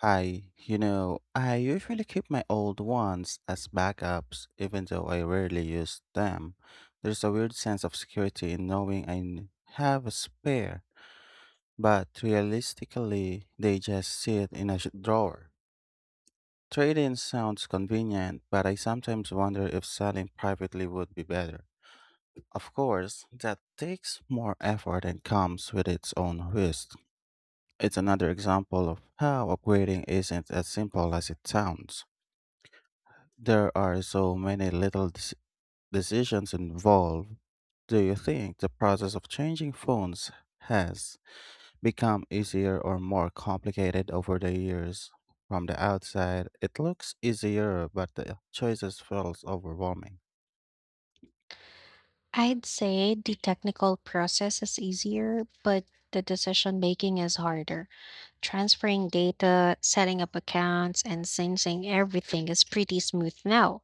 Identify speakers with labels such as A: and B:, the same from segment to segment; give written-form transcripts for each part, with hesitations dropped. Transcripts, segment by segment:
A: Hi, I usually keep my old ones as backups, even though I rarely use them. There's a weird sense of security in knowing have a spare, but realistically, they just sit in a drawer. Trade in sounds convenient, but I sometimes wonder if selling privately would be better. Of course, that takes more effort and comes with its own risk. It's another example of how upgrading isn't as simple as it sounds. There are so many little decisions involved. Do you think the process of changing phones has become easier or more complicated over the years? From the outside, it looks easier, but the choices feels overwhelming.
B: I'd say the technical process is easier, but the decision making is harder. Transferring data, setting up accounts, and syncing everything is pretty smooth now.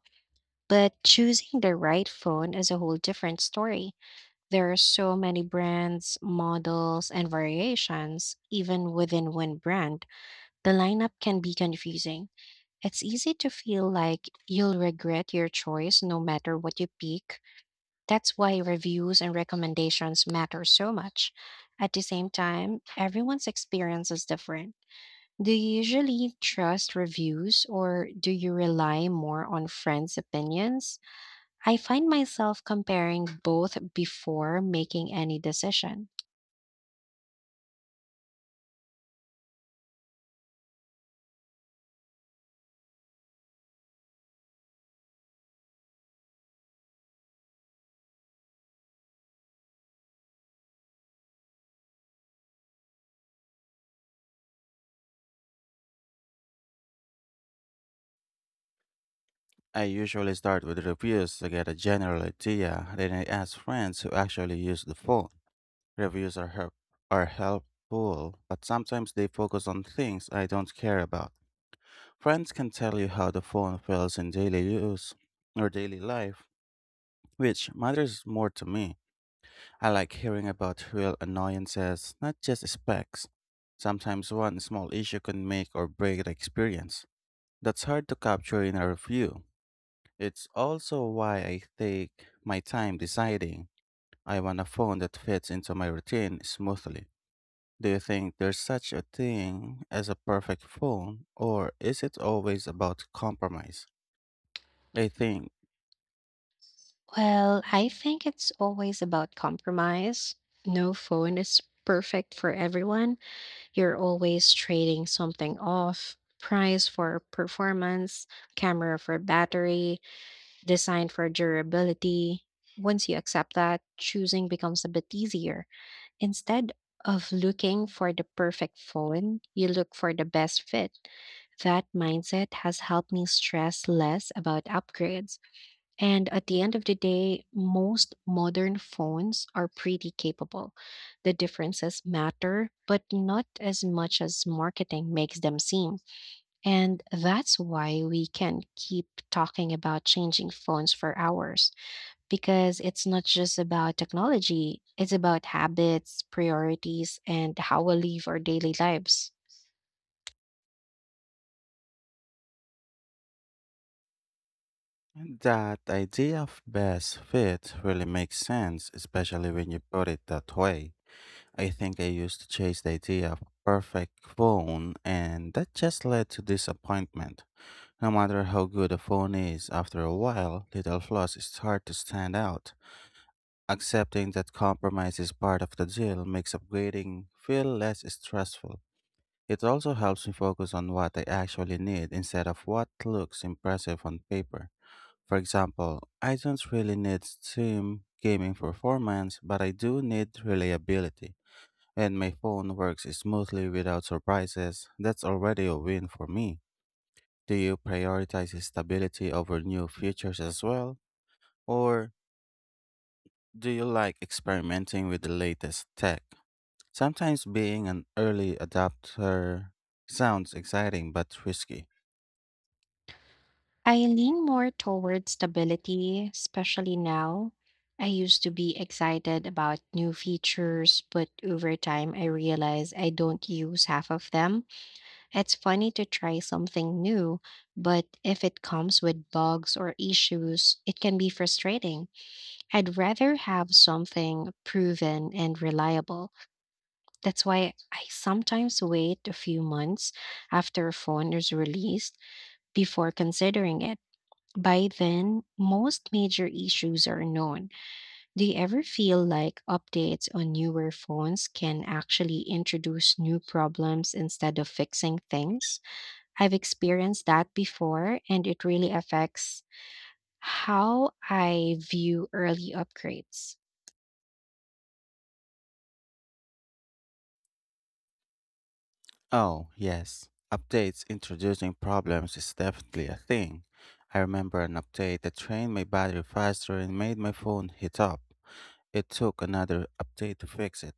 B: But choosing the right phone is a whole different story. There are so many brands, models, and variations, even within one brand. The lineup can be confusing. It's easy to feel like you'll regret your choice no matter what you pick. That's why reviews and recommendations matter so much. At the same time, everyone's experience is different. Do you usually trust reviews, or do you rely more on friends' opinions? I find myself comparing both before making any decision.
A: I usually start with reviews to get a general idea, then I ask friends who actually use the phone. Reviews are help are helpful, but sometimes they focus on things I don't care about. Friends can tell you how the phone feels in daily use or daily life, which matters more to me. I like hearing about real annoyances, not just specs. Sometimes one small issue can make or break the experience. That's hard to capture in a review. It's also why I take my time deciding. I want a phone that fits into my routine smoothly. Do you think there's such a thing as a perfect phone, or is it always about compromise? I think
B: Well, I think it's always about compromise. No phone is perfect for everyone. You're always trading something off: price for performance, camera for battery, design for durability. Once you accept that, choosing becomes a bit easier. Instead of looking for the perfect phone, you look for the best fit. That mindset has helped me stress less about upgrades, and at the end of the day, most modern phones are pretty capable. The differences matter, but not as much as marketing makes them seem. And that's why we can keep talking about changing phones for hours, because it's not just about technology, it's about habits, priorities, and how we live our daily lives.
A: that idea of best fit really makes sense, especially when you put it that way. I think I used to chase the idea of perfect phone, and that just led to disappointment. No matter how good a phone is, after a while, little flaws start to stand out. Accepting that compromise is part of the deal makes upgrading feel less stressful. It also helps me focus on what I actually need instead of what looks impressive on paper. For example, I don't really need Steam gaming performance, but I do need reliability. When my phone works smoothly without surprises. That's already a win for me. Do you prioritize stability over new features as well? Or do you like experimenting with the latest tech? Sometimes being an early adopter sounds exciting but risky.
B: I lean more toward stability, especially now. I used to be excited about new features, but over time I realize I don't use half of them. It's funny to try something new, but if it comes with bugs or issues, it can be frustrating. I'd rather have something proven and reliable. That's why I sometimes wait a few months after a phone is released before considering it. By then, most major issues are known. Do you ever feel like updates on newer phones can actually introduce new problems instead of fixing things? I've experienced that before, and it really affects how I view early upgrades.
A: Oh, yes. Updates introducing problems is definitely a thing. I remember an update that drained my battery faster and made my phone heat up. It took another update to fix it,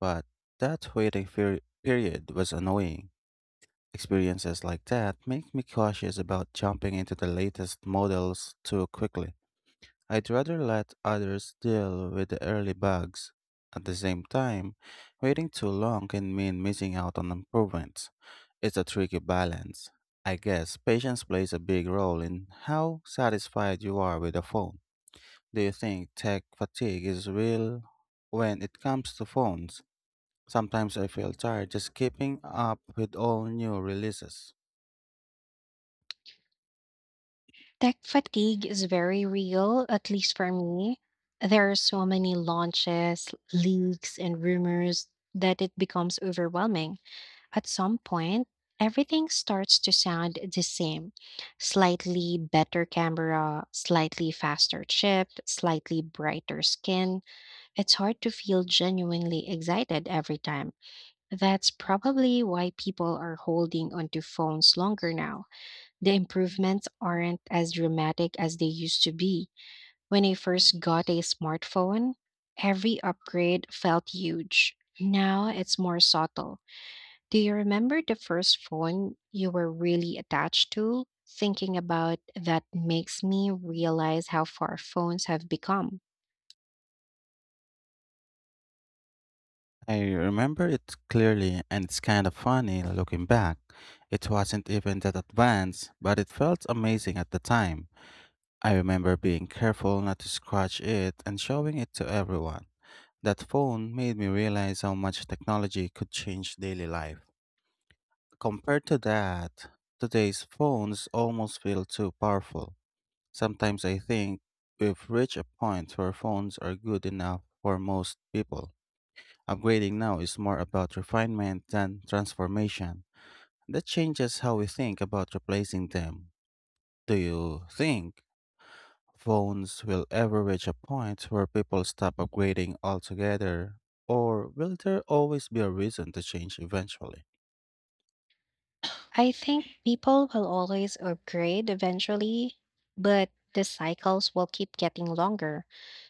A: but that period was annoying. Experiences like that make me cautious about jumping into the latest models too quickly. I'd rather let others deal with the early bugs. At the same time, waiting too long can mean missing out on improvements. It's a tricky balance. I guess patience plays a big role in how satisfied you are with a phone. Do you think tech fatigue is real when it comes to phones? Sometimes I feel tired just keeping up with all new releases.
B: Tech fatigue is very real, at least for me. There are so many launches, leaks, and rumors that it becomes overwhelming. At some point, everything starts to sound the same. Slightly better camera, slightly faster chip, slightly brighter skin. It's hard to feel genuinely excited every time. That's probably why people are holding onto phones longer now. The improvements aren't as dramatic as they used to be. When I first got a smartphone, every upgrade felt huge. Now it's more subtle. Do you remember the first phone you were really attached to? Thinking about that makes me realize how far phones have become.
A: I remember it clearly, and it's kind of funny looking back. It wasn't even that advanced, but it felt amazing at the time. I remember being careful not to scratch it and showing it to everyone. That phone made me realize how much technology could change daily life. Compared to that, today's phones almost feel too powerful. Sometimes I think we've reached a point where phones are good enough for most people. Upgrading now is more about refinement than transformation. That changes how we think about replacing them. Do you think phones will ever reach a point where people stop upgrading altogether? Or will there always be a reason to change eventually?
B: I think people will always upgrade eventually, but the cycles will keep getting longer.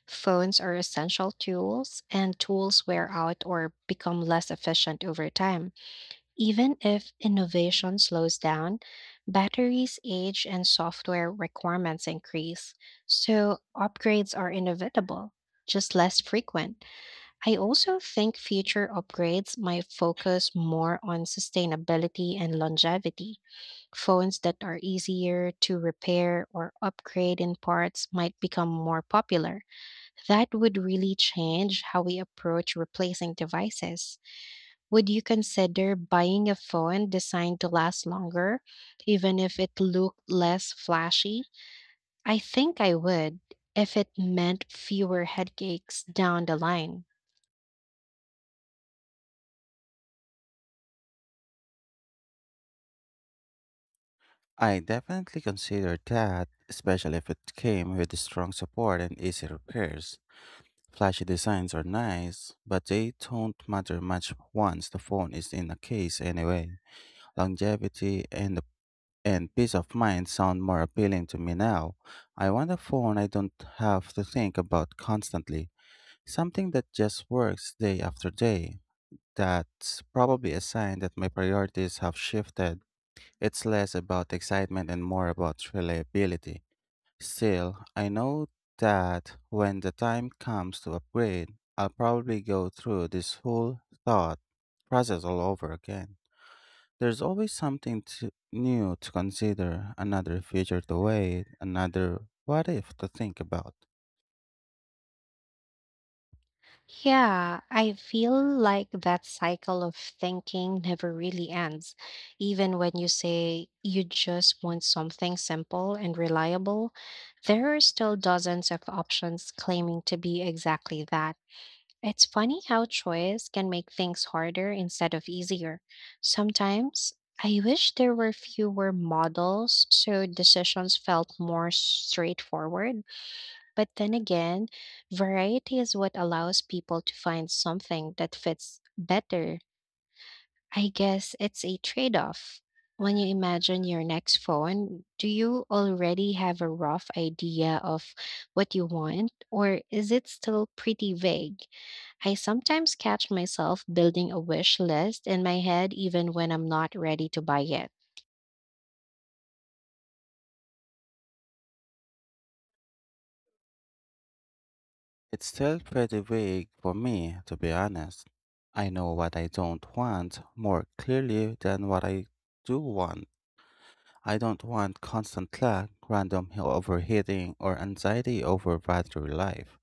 B: Phones are essential tools, and tools wear out or become less efficient over time. Even if innovation slows down, batteries age and software requirements increase, so upgrades are inevitable, just less frequent. I also think future upgrades might focus more on sustainability and longevity. Phones that are easier to repair or upgrade in parts might become more popular. That would really change how we approach replacing devices. Would you consider buying a phone designed to last longer, even if it looked less flashy? I think I would, if it meant fewer headaches down the line.
A: I definitely consider that, especially if it came with strong support and easy repairs. Flashy designs are nice, but they don't matter much once the phone is in a case anyway. Longevity and peace of mind sound more appealing to me now. I want a phone I don't have to think about constantly, something that just works day after day. That's probably a sign that my priorities have shifted. It's less about excitement and more about reliability. Still, I know that when the time comes to upgrade, I'll probably go through this whole thought process all over again. There's always new to consider, another future to wait, another what if to think about.
B: Yeah, I feel like that cycle of thinking never really ends. Even when you say you just want something simple and reliable, there are still dozens of options claiming to be exactly that. It's funny how choice can make things harder instead of easier. Sometimes I wish there were fewer models so decisions felt more straightforward. But then again, variety is what allows people to find something that fits better. I guess it's a trade off. When you imagine your next phone, do you already have a rough idea of what you want, or is it still pretty vague? I sometimes catch myself building a wish list in my head even when I'm not ready to buy it.
A: It's still pretty vague for me, to be honest. I know what I don't want more clearly than what I do want. I don't want constant lag, random overheating, or anxiety over battery life.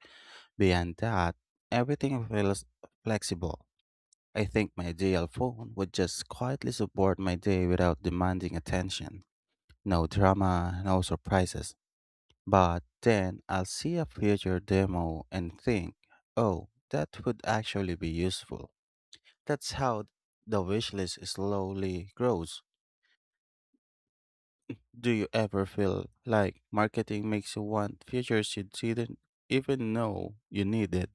A: Beyond that, everything feels flexible. I think my ideal phone would just quietly support my day without demanding attention. No drama, no surprises. But then I'll see a future demo and think, oh, that would actually be useful. That's how the wish list slowly grows. Do you ever feel like marketing makes you want features you didn't even know you needed?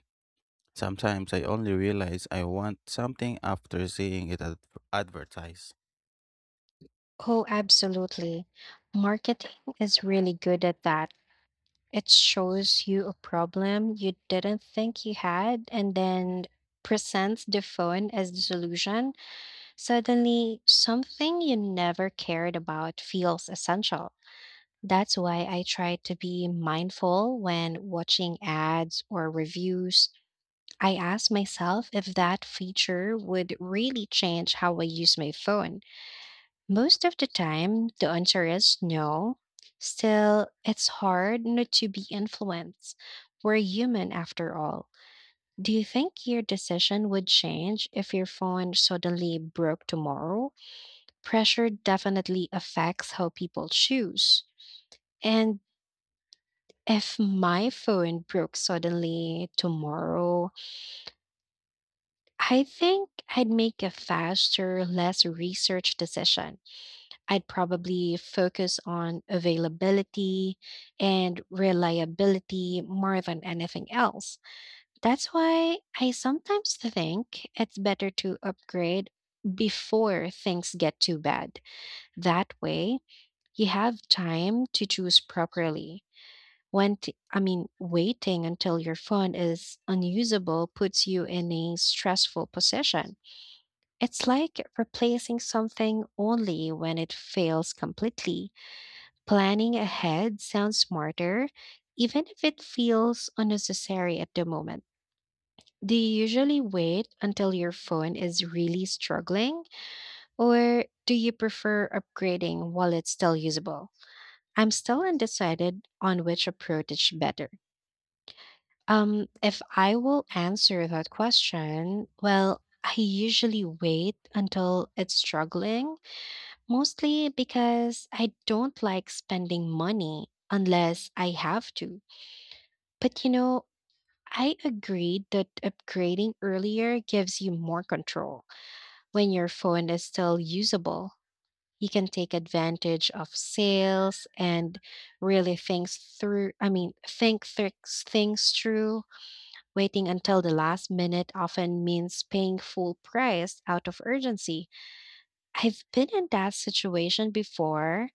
A: Sometimes I only realize I want something after seeing it advertised.
B: Oh, absolutely. Marketing is really good at that. It shows you a problem you didn't think you had and then presents the phone as the solution. Suddenly, something you never cared about feels essential. That's why I try to be mindful when watching ads or reviews. I ask myself if that feature would really change how I use my phone. Most of the time, the answer is no. Still, it's hard not to be influenced. We're human after all. Do you think your decision would change if your phone suddenly broke tomorrow? Pressure definitely affects how people choose. And if my phone broke suddenly tomorrow, I think I'd make a faster, less research decision. I'd probably focus on availability and reliability more than anything else. That's why I sometimes think it's better to upgrade before things get too bad. That way, you have time to choose properly. I mean, waiting until your phone is unusable puts you in a stressful position. It's like replacing something only when it fails completely. Planning ahead sounds smarter, even if it feels unnecessary at the moment. Do you usually wait until your phone is really struggling, or do you prefer upgrading while it's still usable? I'm still undecided on which approach is better. If I will answer that question, well, I usually wait until it's struggling, mostly because I don't like spending money unless I have to. But I agreed that upgrading earlier gives you more control when your phone is still usable. He can take advantage of sales and really thinks through, I mean, thinks things through. Waiting until the last minute often means paying full price out of urgency. I've been in that situation before,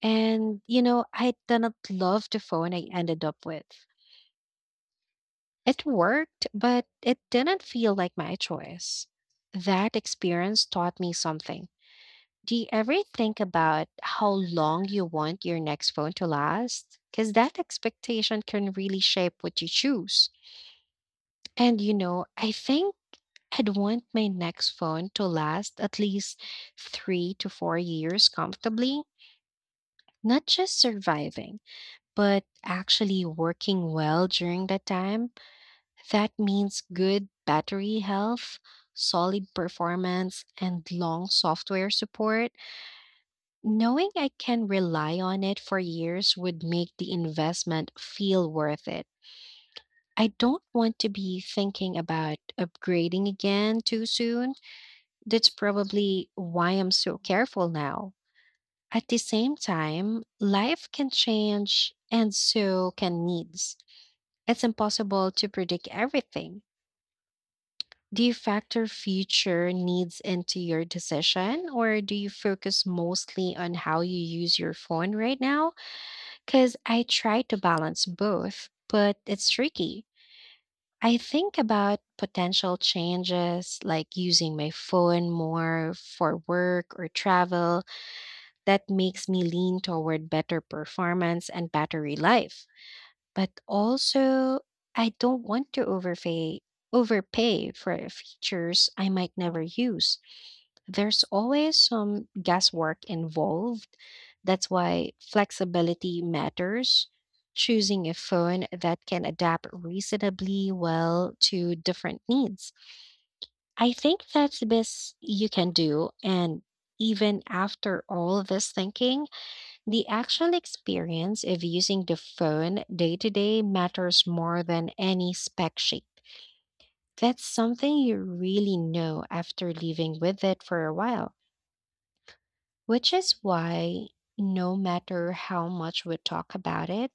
B: and I didn't love the phone I ended up with. It worked, but it didn't feel like my choice. That experience taught me something. Do you ever think about how long you want your next phone to last? Because that expectation can really shape what you choose. And you know, I think I'd want my next phone to last at least 3 to 4 years comfortably, not just surviving, but actually working well during that time. That means good battery health, solid performance, and long software support. Knowing I can rely on it for years would make the investment feel worth it. I don't want to be thinking about upgrading again too soon. That's probably why I'm so careful now. At the same time, life can change and so can needs. It's impossible to predict everything. Do you factor future needs into your decision, or do you focus mostly on how you use your phone right now? Because I try to balance both, but it's tricky. I think about potential changes like using my phone more for work or travel. That makes me lean toward better performance and battery life. But also, I don't want to overpay for features I might never use. There's always some guesswork involved. That's why flexibility matters. Choosing a phone that can adapt reasonably well to different needs. I think that's the best you can do. And even after all this thinking, the actual experience of using the phone day to day matters more than any spec sheet. That's something you really know after living with it for a while. Which is why, no matter how much we talk about it,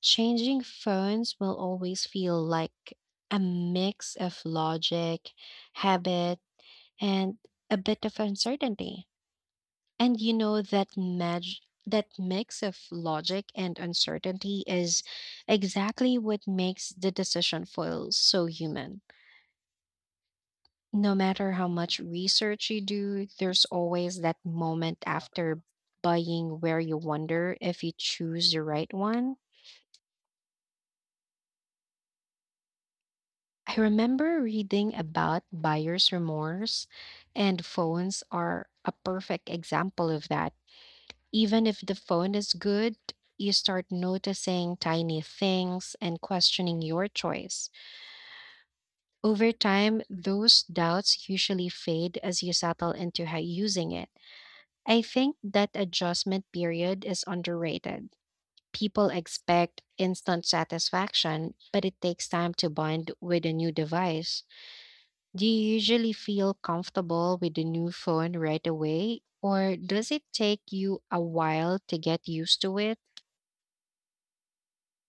B: changing phones will always feel like a mix of logic, habit, and a bit of uncertainty. And you know that mix of logic and uncertainty is exactly what makes the decision feel so human. No matter how much research you do, there's always that moment after buying where you wonder if you choose the right one. I remember reading about buyer's remorse, and phones are a perfect example of that. Even if the phone is good, you start noticing tiny things and questioning your choice. Over time, those doubts usually fade as you settle into how using it. I think that adjustment period is underrated. People expect instant satisfaction, but it takes time to bond with a new device. Do you usually feel comfortable with the new phone right away, or does it take you a while to get used to it?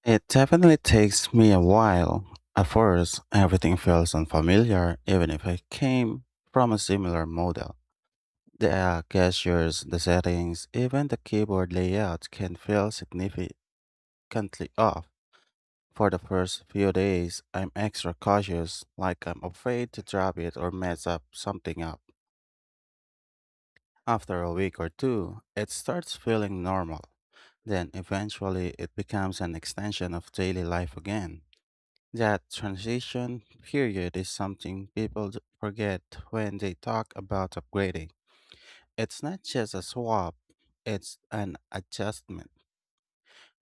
A: It definitely takes me a while. At first, everything feels unfamiliar, even if I came from a similar model. The gestures, the settings, even the keyboard layout can feel significantly off. For the first few days, I'm extra cautious, like I'm afraid to drop it or mess up something up. After a week or two, it starts feeling normal. Then eventually, it becomes an extension of daily life again. That transition period is something people forget when they talk about upgrading. It's not just a swap, it's an adjustment.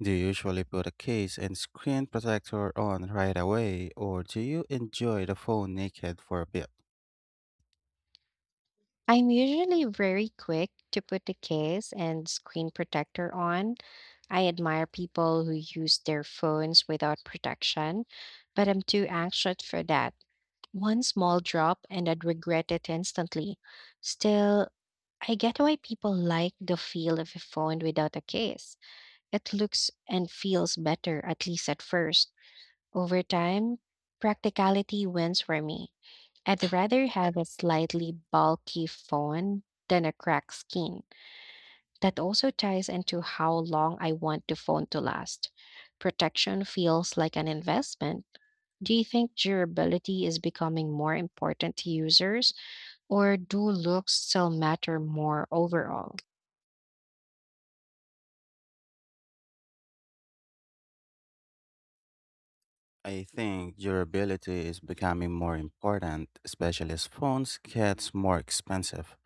A: Do you usually put a case and screen protector on right away, or do you enjoy the phone naked for a bit?
B: I'm usually very quick to put the case and screen protector on. I admire people who use their phones without protection, but I'm too anxious for that. One small drop and I'd regret it instantly. Still, I get why people like the feel of a phone without a case. It looks and feels better, at least at first. Over time, practicality wins for me. I'd rather have a slightly bulky phone than a cracked screen. That also ties into how long I want the phone to last. Protection feels like an investment. Do you think durability is becoming more important to users, or do looks still matter more overall?
A: I think durability is becoming more important, especially as phones gets more expensive.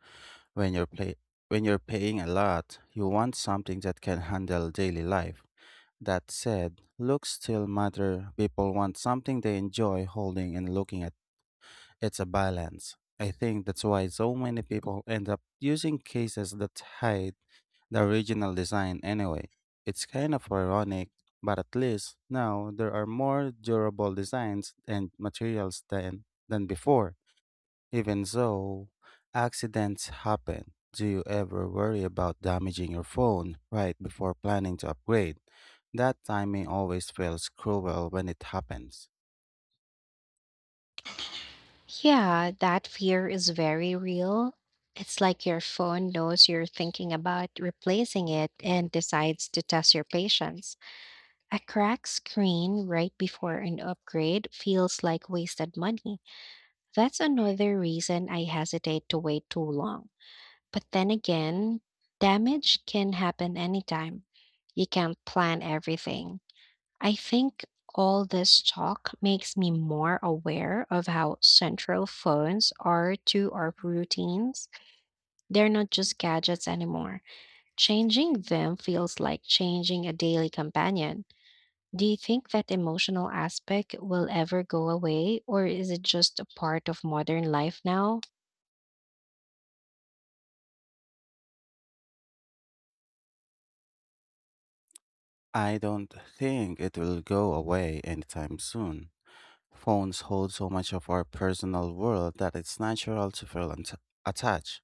A: When you're play- when you're paying a lot, you want something that can handle daily life. That said, looks still matter. People want something they enjoy holding and looking at. It's a balance. I think that's why so many people end up using cases that hide the original design anyway. It's kind of ironic, but at least now there are more durable designs and materials than before. Even so, accidents happen. Do you ever worry about damaging your phone right before planning to upgrade? That timing always feels cruel when it happens.
B: Yeah, that fear is very real. It's like your phone knows you're thinking about replacing it and decides to test your patience. A cracked screen right before an upgrade feels like wasted money. That's another reason I hesitate to wait too long. But then again, damage can happen anytime. You can't plan everything. I think all this talk makes me more aware of how central phones are to our routines. They're not just gadgets anymore. Changing them feels like changing a daily companion. Do you think that emotional aspect will ever go away, or is it just a part of modern life now?
A: I don't think it will go away anytime soon. Phones hold so much of our personal world that it's natural to feel attached.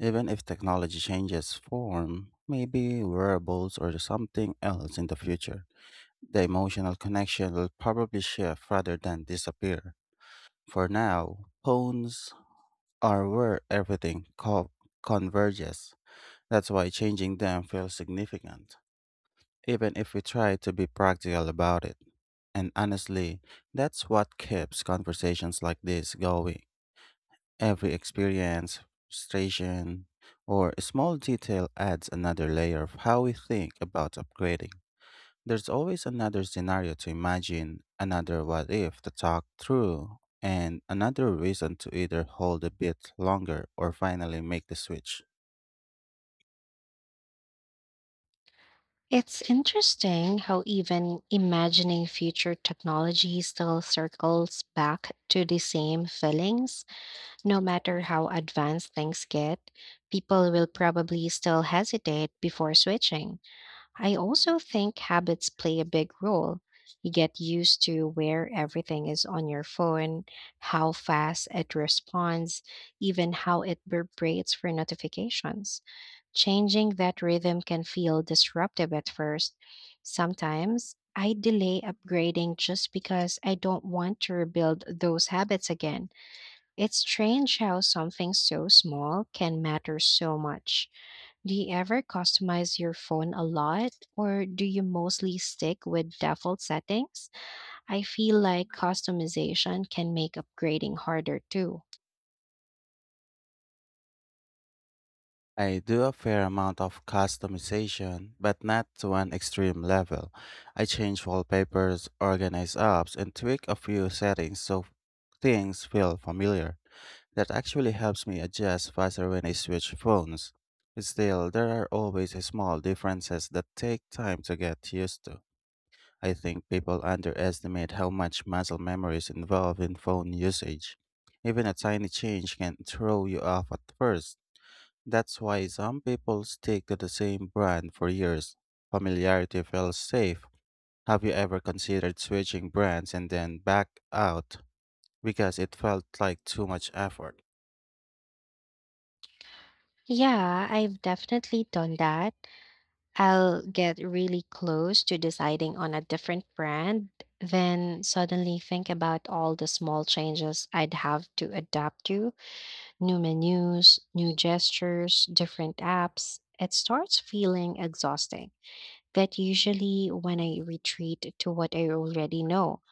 A: Even if technology changes form, maybe wearables or something else in the future. The emotional connection will probably shift rather than disappear. For now, phones are where everything converges. That's why changing them feels significant, even if we try to be practical about it. And honestly, that's what keeps conversations like this going. Every experience, frustration, or small detail adds another layer of how we think about upgrading. There's always another scenario to imagine, another what if to talk through, and another reason to either hold a bit longer or finally make the switch.
B: It's interesting how even imagining future technology still circles back to the same feelings. No matter how advanced things get, people will probably still hesitate before switching. I also think habits play a big role. You get used to where everything is on your phone, how fast it responds, even how it vibrates for notifications. Changing that rhythm can feel disruptive at first. Sometimes I delay upgrading just because I don't want to rebuild those habits again. It's strange how something so small can matter so much. Do you ever customize your phone a lot, or do you mostly stick with default settings? I feel like customization can make upgrading harder too.
A: I do a fair amount of customization, but not to an extreme level. I change wallpapers, organize apps, and tweak a few settings so things feel familiar. That actually helps me adjust faster when I switch phones. Still, there are always small differences that take time to get used to. I think people underestimate how much muscle memory is involved in phone usage. Even a tiny change can throw you off at first. That's why some people stick to the same brand for years. Familiarity feels safe. Have you ever considered switching brands and then back out because it felt like too much effort?
B: Yeah, I've definitely done that. I'll get really close to deciding on a different brand, then suddenly think about all the small changes I'd have to adapt to: new menus, new gestures, different apps. It starts feeling exhausting, but usually when I retreat to what I already know.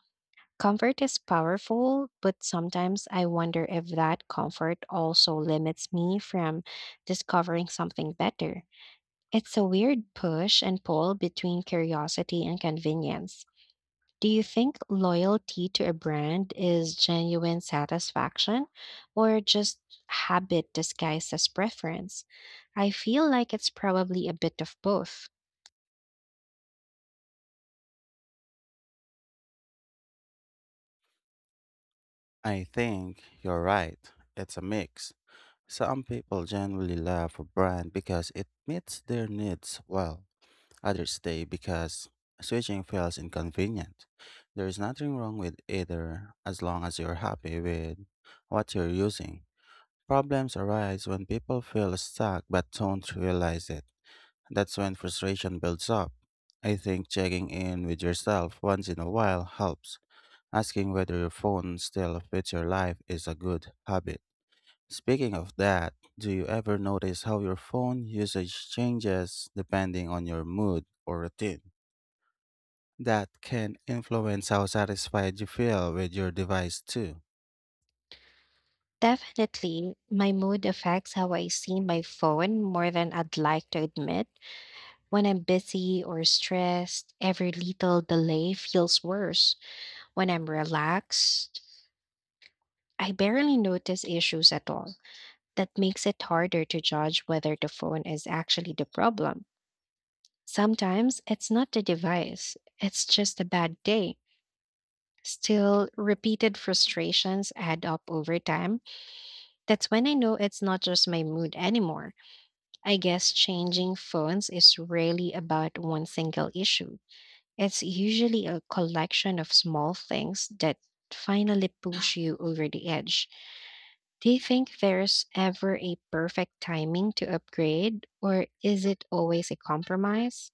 B: Comfort is powerful, but sometimes I wonder if that comfort also limits me from discovering something better. It's a weird push and pull between curiosity and convenience. Do you think loyalty to a brand is genuine satisfaction or just habit disguised as preference? I feel like it's probably a bit of both.
A: I think you're right. It's a mix. Some people genuinely love a brand because it meets their needs well. Others stay because switching feels inconvenient. There is nothing wrong with either as long as you're happy with what you're using. Problems arise when people feel stuck but don't realize it. That's when frustration builds up. I think checking in with yourself once in a while helps. Asking whether your phone still fits your life is a good habit. Speaking of that, do you ever notice how your phone usage changes depending on your mood or routine? That can influence how satisfied you feel with your device, too.
B: Definitely, my mood affects how I see my phone more than I'd like to admit. When I'm busy or stressed, every little delay feels worse. When I'm relaxed, I barely notice issues at all. That makes it harder to judge whether the phone is actually the problem. Sometimes it's not the device, it's just a bad day. Still, repeated frustrations add up over time. That's when I know it's not just my mood anymore. I guess changing phones is rarely about one single issue. It's usually a collection of small things that finally push you over the edge. Do you think there's ever a perfect timing to upgrade, or is it always a compromise?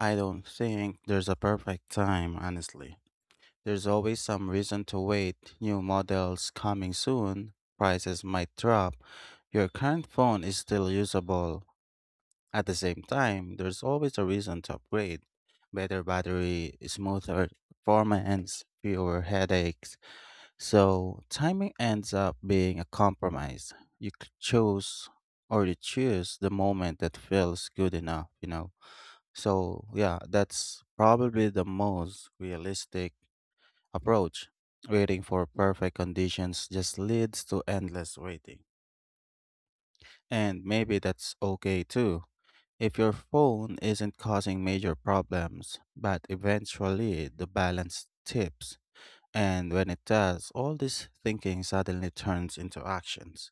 A: I don't think there's a perfect time, honestly. There's always some reason to wait, new models coming soon, prices might drop, your current phone is still usable. At the same time, there's always a reason to upgrade. Better battery, smoother performance, fewer headaches. So timing ends up being a compromise. You c- chose or You choose the moment that feels good enough, you know. So yeah, that's probably the most realistic approach. Waiting for perfect conditions just leads to endless waiting. And maybe that's okay too. If your phone isn't causing major problems, but eventually the balance tips. And when it does, all this thinking suddenly turns into actions.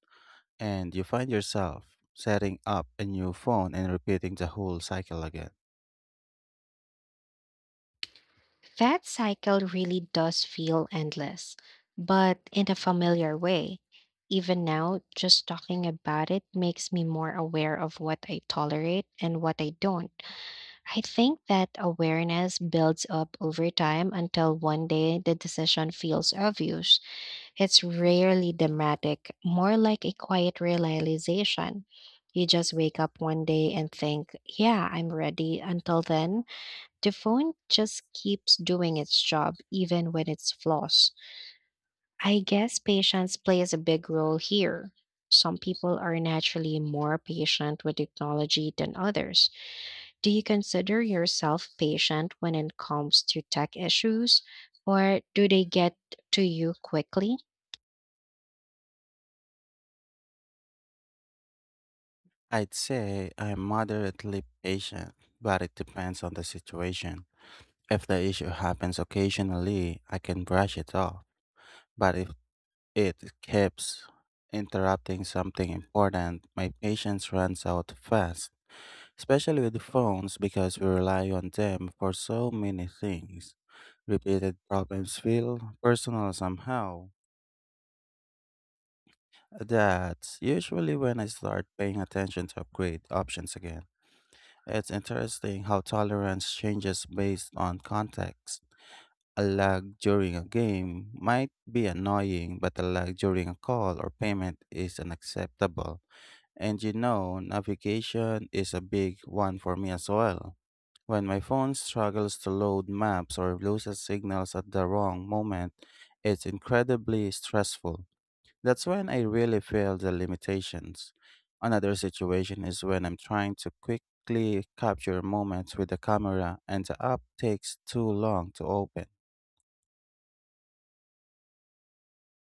A: And you find yourself setting up a new phone and repeating the whole cycle again.
B: That cycle really does feel endless, but in a familiar way. Even now, just talking about it makes me more aware of what I tolerate and what I don't. I think that awareness builds up over time until one day the decision feels obvious. It's rarely dramatic, more like a quiet realization. You just wake up one day and think, yeah, I'm ready. Until then, the phone just keeps doing its job, even when it's flaws. I guess patience plays a big role here. Some people are naturally more patient with technology than others. Do you consider yourself patient when it comes to tech issues, or do they get to you quickly?
A: I'd say I'm moderately patient, but it depends on the situation. If the issue happens occasionally, I can brush it off. But if it keeps interrupting something important, my patience runs out fast, especially with phones because we rely on them for so many things. Repeated problems feel personal somehow. That's usually when I start paying attention to upgrade options again. It's interesting how tolerance changes based on context. A lag during a game might be annoying, but a lag during a call or payment is unacceptable. And you know, navigation is a big one for me as well. When my phone struggles to load maps or loses signals at the wrong moment, it's incredibly stressful. That's when I really feel the limitations. Another situation is when I'm trying to quickly capture moments with the camera and the app takes too long to open.